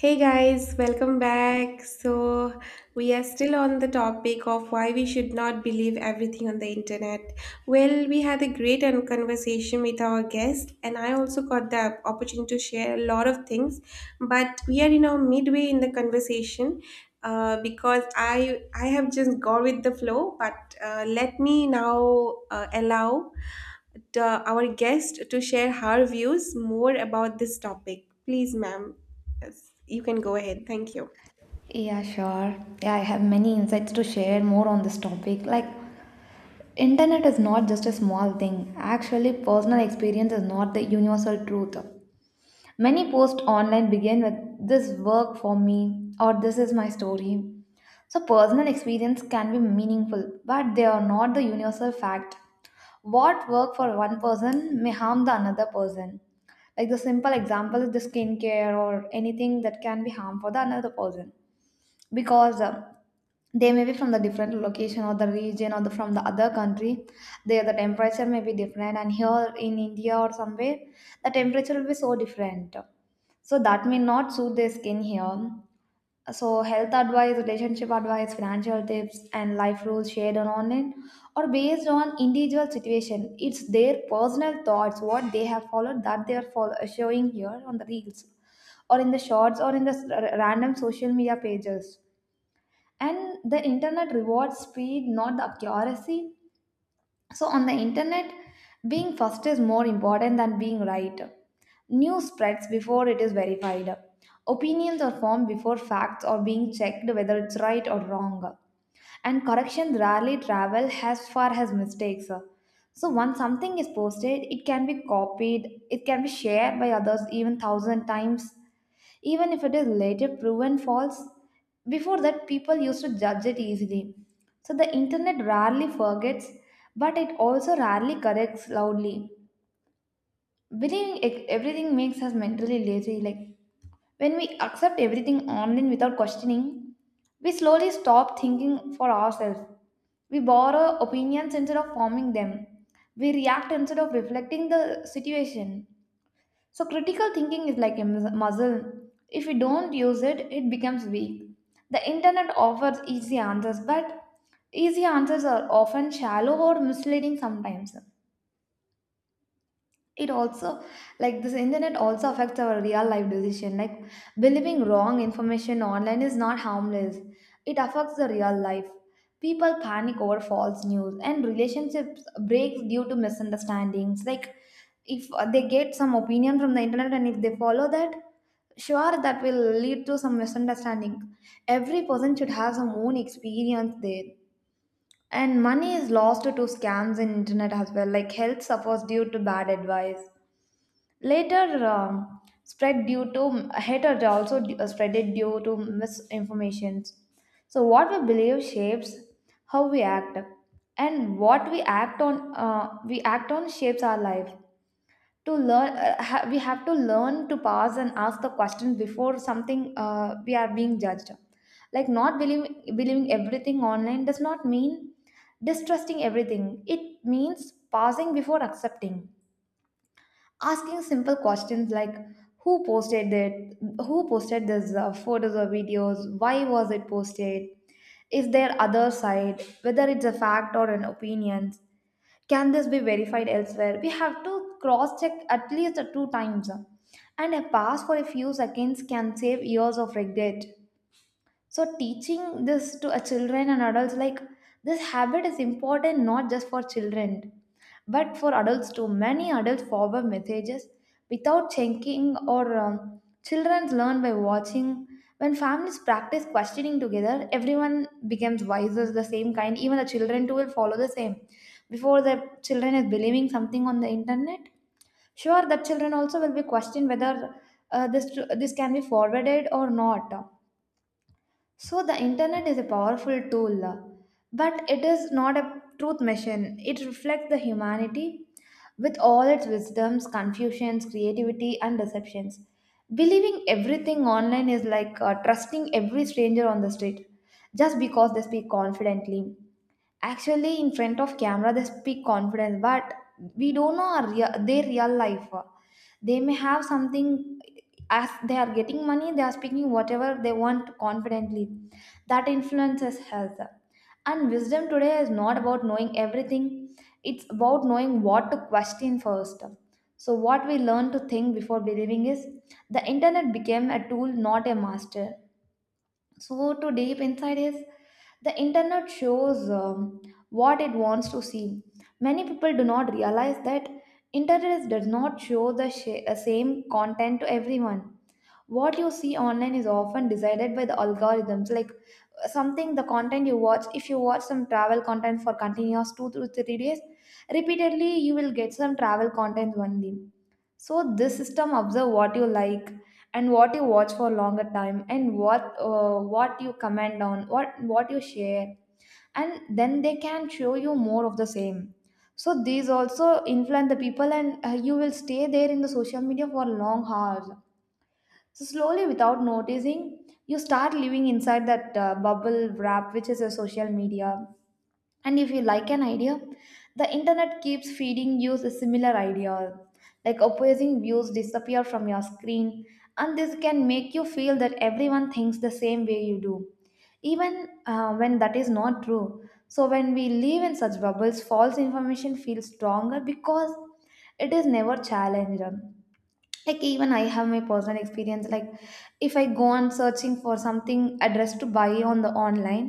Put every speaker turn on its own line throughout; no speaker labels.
Hey guys, welcome back. So, we are still on the topic of why we should not believe everything on the internet. Well, we had a conversation with our guest, and I also got the opportunity to share a lot of things. But we are in our midway in the conversation, because I have just gone with the flow. But let me now allow our guest to share her views more about this topic. Please, ma'am. Yes, you can go ahead. Thank you.
Yeah, sure. Yeah, I have many insights to share more on this topic. Like, internet is not just a small thing. Actually, personal experience is not the universal truth. Many posts online begin with this work for me or this is my story. So, personal experience can be meaningful, but they are not the universal fact. What work for one person may harm the another person. Like the simple example is the skincare or anything that can be harm for the another person because they may be from the different location or the region or the from the other country, there the temperature may be different, and here in India or somewhere the temperature will be so different, so that may not suit their skin here. So health advice, relationship advice, financial tips, and life rules shared on online or based on individual situation, it's their personal thoughts what they have followed, that they are showing here on the reels or in the shorts or in the random social media pages. And the internet rewards speed, not the accuracy. So on the internet, being first is more important than being right. News spreads before it is verified, opinions are formed before facts are being checked whether it's right or wrong, and corrections rarely travel as far as mistakes. So once something is posted, it can be copied, it can be shared by others even thousand times, even if it is later proven false. Before that, people used to judge it easily. So the internet rarely forgets, but it also rarely corrects loudly. Believing everything makes us mentally lazy. Like when we accept everything online without questioning, we slowly stop thinking for ourselves. We borrow opinions instead of forming them. We react instead of reflecting the situation. So, critical thinking is like a muscle. If we don't use it, it becomes weak. The internet offers easy answers, but easy answers are often shallow or misleading. Sometimes it also, like, this internet also affects our real life decision. Like believing wrong information online is not harmless, it affects the real life. People panic over false news, and relationships breaks due to misunderstandings. Like if they get some opinion from the internet and if they follow that, sure that will lead to some misunderstanding. Every person should have some own experience there. And money is lost to scams in internet as well, like health suffers due to bad advice later. Spread due to hatred also, spreaded due to misinformations. So what we believe shapes how we act, and what we act on, we act on shapes our life. To learn, we have to learn to pause and ask the question before something, we are being judged. Like not believing everything online does not mean distrusting everything. It means pausing before accepting, asking simple questions like who posted it, who posted this photos or videos, why was it posted, is there other side, whether it's a fact or an opinion, can this be verified elsewhere. We have to cross check at least two times. And a pause for a few seconds can save years of regret. So teaching this to a children and adults, like this habit is important not just for children but for adults too. Many adults forward messages without checking, or children learn by watching. When families practice questioning together, everyone becomes wiser the same kind. Even the children too will follow the same. Before the children is believing something on the internet, sure the children also will be questioned whether this this can be forwarded or not. So the internet is a powerful tool, but it is not a truth machine. It reflects the humanity with all its wisdoms, confusions, creativity, and deceptions. Believing everything online is like trusting every stranger on the street just because they speak confidently. Actually, in front of camera, they speak confidence, but we don't know our their real life. They may have something. As they are getting money, they are speaking whatever they want confidently. That influences health. And wisdom today is not about knowing everything, it's about knowing what to question first. So what we learn to think before believing is the internet became a tool, not a master. So to deep inside is, the internet shows what it wants to see. Many people do not realize that internet does not show the same content to everyone. What you see online is often decided by the algorithms. Like something, the content you watch, if you watch some travel content for continuous 2 to 3 days repeatedly, you will get some travel content only. So this system observe what you like and what you watch for longer time, and what you comment on, what you share, and then they can show you more of the same. So these also influence the people, and you will stay there in the social media for long hours. So slowly, without noticing, you start living inside that bubble wrap, which is a social media. And if you like an idea, the internet keeps feeding you a similar idea. Like opposing views disappear from your screen, and this can make you feel that everyone thinks the same way you do, even when that is not true. So, when we live in such bubbles, false information feels stronger because it is never challenged. Like even I have my personal experience. Like if I go on searching for something addressed to buy on the online,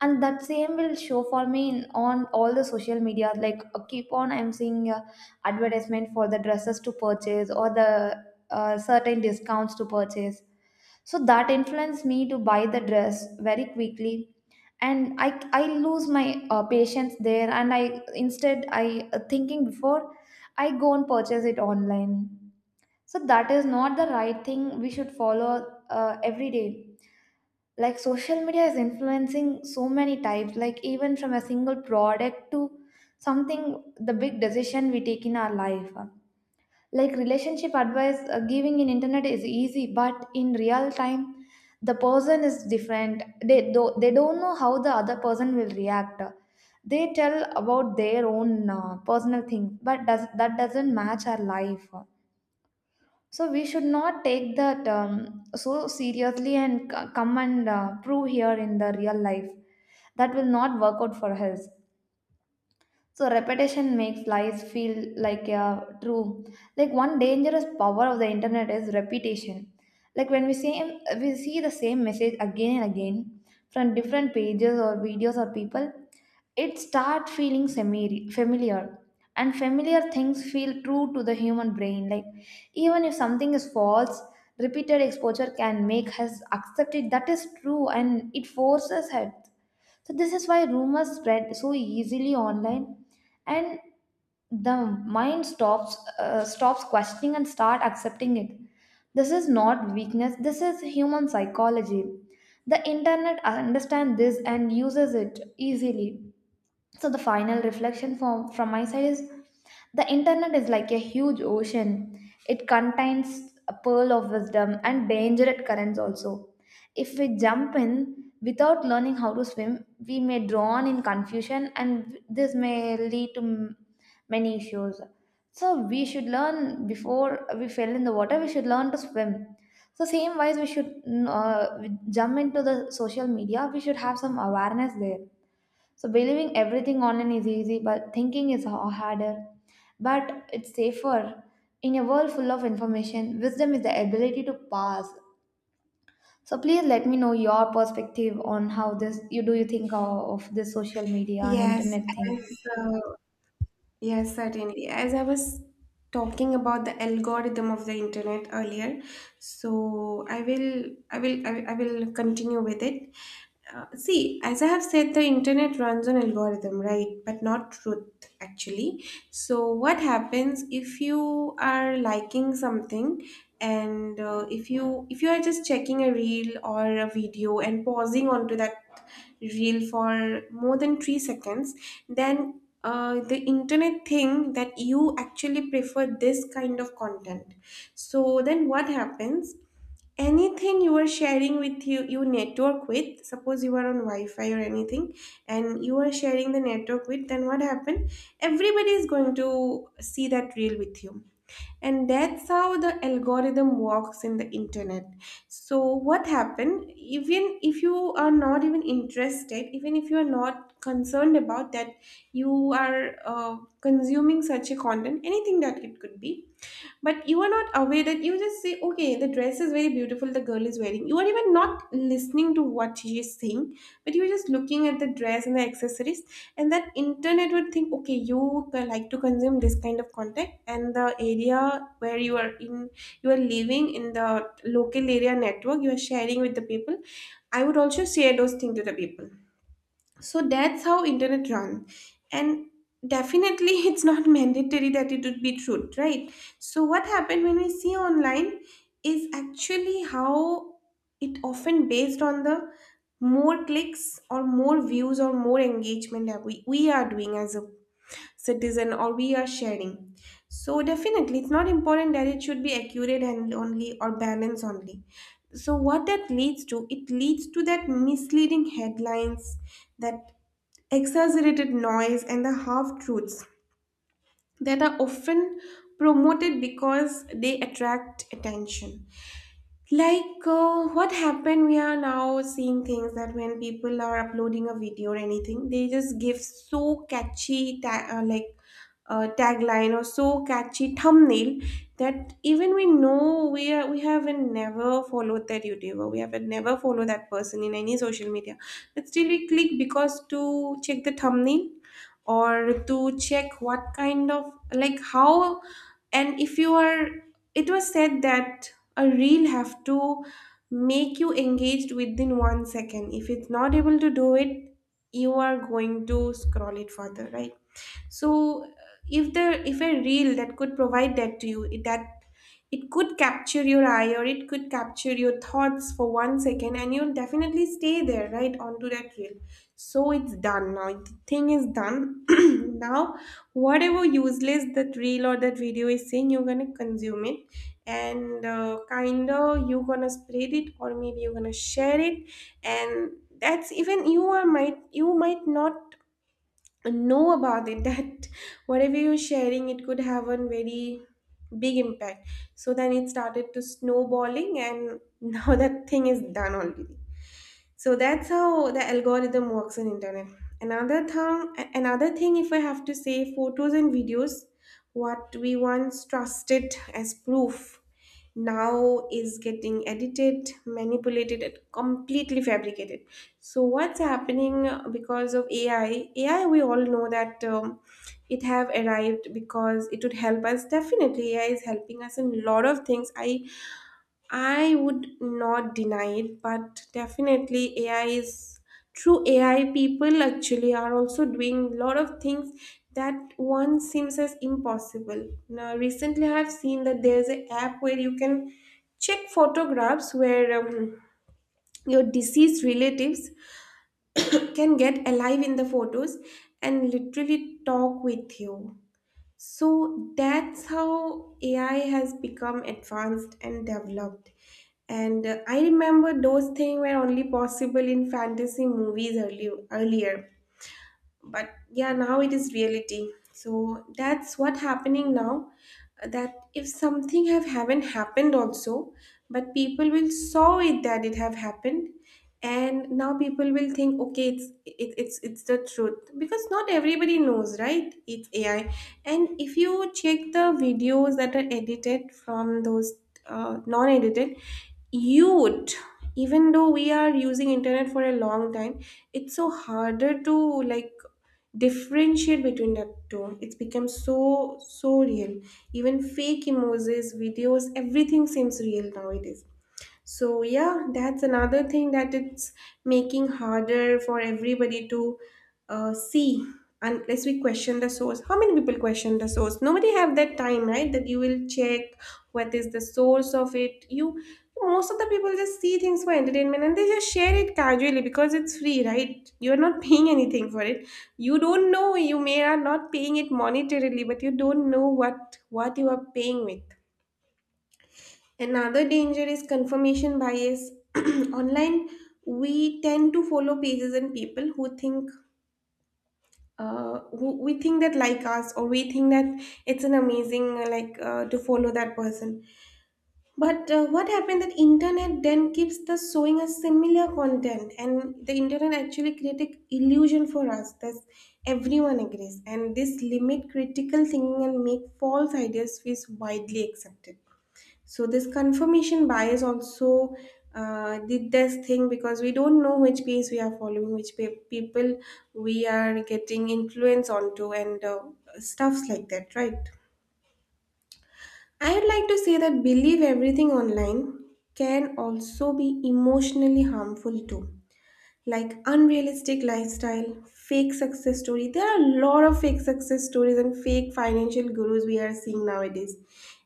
and that same will show for me on all the social media. Like keep on I'm seeing advertisement for the dresses to purchase or the certain discounts to purchase. So that influenced me to buy the dress very quickly. And I I lose my patience there. And I, instead I thinking before I go and purchase it online. So that is not the right thing we should follow every day. Like social media is influencing so many types, like even from a single product to something, the big decision we take in our life. Like relationship advice giving in internet is easy, but in real time, the person is different. They do, they don't know how the other person will react. They tell about their own personal thing, but does that doesn't match our life. So we should not take that so seriously and come and prove here in the real life. That will not work out for us. So repetition makes lies feel like a true. Like one dangerous power of the internet is repetition. Like when we see the same message again and again from different pages or videos or people, it starts feeling semi familiar. And familiar things feel true to the human brain. Like even if something is false, repeated exposure can make us accept it that is true, and it forces us. So this is why rumors spread so easily online. And the mind stops questioning and start accepting it. This is not weakness, this is human psychology. The internet understands this and uses it easily. So the final reflection from my side is the internet is like a huge ocean. It contains a pearl of wisdom and dangerous currents also. If we jump in without learning how to swim, we may drown in confusion, and this may lead to many issues. So we should learn before we fell in the water, we should learn to swim. So same wise, we should jump into the social media. We should have some awareness there. So believing everything online is easy, but thinking is harder. But it's safer. In a world full of information, wisdom is the ability to pass. So please let me know your perspective on how this, you think of this social media and
Yes,
internet thing.
as uh, Yes, certainly. As I was talking about the algorithm of the internet earlier, so I will continue with it. See, as I have said, the internet runs on algorithm, right? But not truth, actually. So what happens if you are liking something and if you are just checking a reel or a video and pausing onto that reel for more than 3 seconds, then the internet thing that you actually prefer this kind of content. So then what happens, anything you are sharing with, you network with, suppose you are on wi-fi or anything, and you are sharing the network with, then what happened, everybody is going to see that reel with you. And that's how the algorithm works in the internet. So what happened, even if you are not even interested, even if you are not concerned about that, you are consuming such a content, anything that it could be. But you are not aware that you just say, okay, the dress is very beautiful the girl is wearing, you are even not listening to what she is saying, but you're just looking at the dress and the accessories. And that internet would think, okay, you like to consume this kind of content, and the area where you are in, you are living in the local area network, you are sharing with the people, I would also share those things to the people. So that's how internet run. And definitely it's not mandatory that it would be truth, right? So what happened when we see online is actually how, it often based on the more clicks or more views or more engagement that we are doing as a citizen or we are sharing. So definitely it's not important that it should be accurate and only or balanced only. So what that leads to, it leads to that misleading headlines, that exaggerated noise and the half truths that are often promoted because they attract attention. Like what happened, we are now seeing things that when people are uploading a video or anything, they just give so catchy like tagline or so catchy thumbnail, that even we know, we are, we haven't never followed that YouTuber, we haven't never followed that person in any social media, but still we click because to check the thumbnail or to check what kind of like how. And if you are, it was said that a reel have to make you engaged within 1 second. If it's not able to do it, you are going to scroll it further, right? So if there, if a reel that could provide that to you, that it could capture your eye or it could capture your thoughts for 1 second, and you'll definitely stay there right onto that reel. So it's done, now the thing is done. Now, whatever useless that reel or that video is saying, you're gonna consume it, and kinda you're gonna spread it, or maybe you're gonna share it. And that's, even you are might, you might not know about it that whatever you're sharing it could have a very big impact. So then it started to snowballing, and now that thing is done already. So that's how the algorithm works on internet. Another thing, if I have to say, photos and videos, what we once trusted as proof now is getting edited, manipulated and completely fabricated. So what's happening, because of AI, we all know that, it have arrived because it would help us. Definitely AI is helping us in a lot of things. I would not deny it, but definitely, AI is through AI, people actually are also doing a lot of things that once seems as impossible. Now, recently I have seen that there's an app where you can check photographs where, your deceased relatives can get alive in the photos and literally talk with you. So that's how AI has become advanced and developed. And I remember those things were only possible in fantasy movies earlier. But yeah, now it is reality. So that's what happening now, that if something have haven't happened also, but people will saw it that it have happened. And now people will think, okay, it's it, it's the truth, because not everybody knows, right, it's AI. And if you check the videos that are edited from those, non-edited, you would, even though we are using internet for a long time, it's so harder to like differentiate between the two. It's become so so real, even fake emojis videos everything seems real nowadays. So yeah, that's another thing that it's making harder for everybody to see, unless we question the source. How many people question the source? Nobody have that time, right? That you will check what is the source of it. You, most of the people just see things for entertainment, and they just share it casually because it's free, right? You're not paying anything for it. You don't know, you may are not paying it monetarily, but you don't know what you are paying with. Another danger is confirmation bias. Online, we tend to follow pages and people who think, who we think that like us, or we think that it's an amazing, like, to follow that person. But what happened that internet then keeps the showing us similar content, and the internet actually create a illusion for us that everyone agrees, and this limit critical thinking and make false ideas feel widely accepted. So this confirmation bias also did this thing, because we don't know which page we are following, which people we are getting influence onto, and stuffs like that, right? I would like to say that believe everything online can also be emotionally harmful too. Like unrealistic lifestyle, fake success story. There are a lot of fake success stories and fake financial gurus we are seeing nowadays,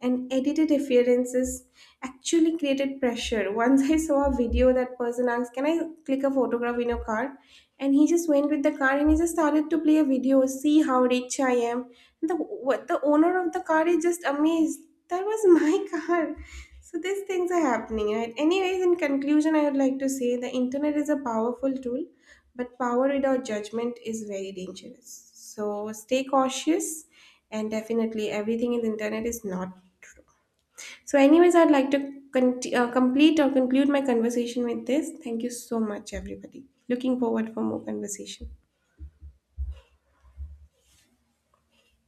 and edited appearances actually created pressure. Once I saw a video that person asked, can I click a photograph in your car? And he just went with the car and he just started to play a video, see how rich I am. And the, what, the owner of the car is just amazed. That was my car. So these things are happening, right? Anyways, in conclusion, I would like to say the internet is a powerful tool, but power without judgment is very dangerous. So stay cautious, and definitely everything in the internet is not true. So anyways, I'd like to complete or conclude my conversation with this. Thank you so much everybody, looking forward for more conversation.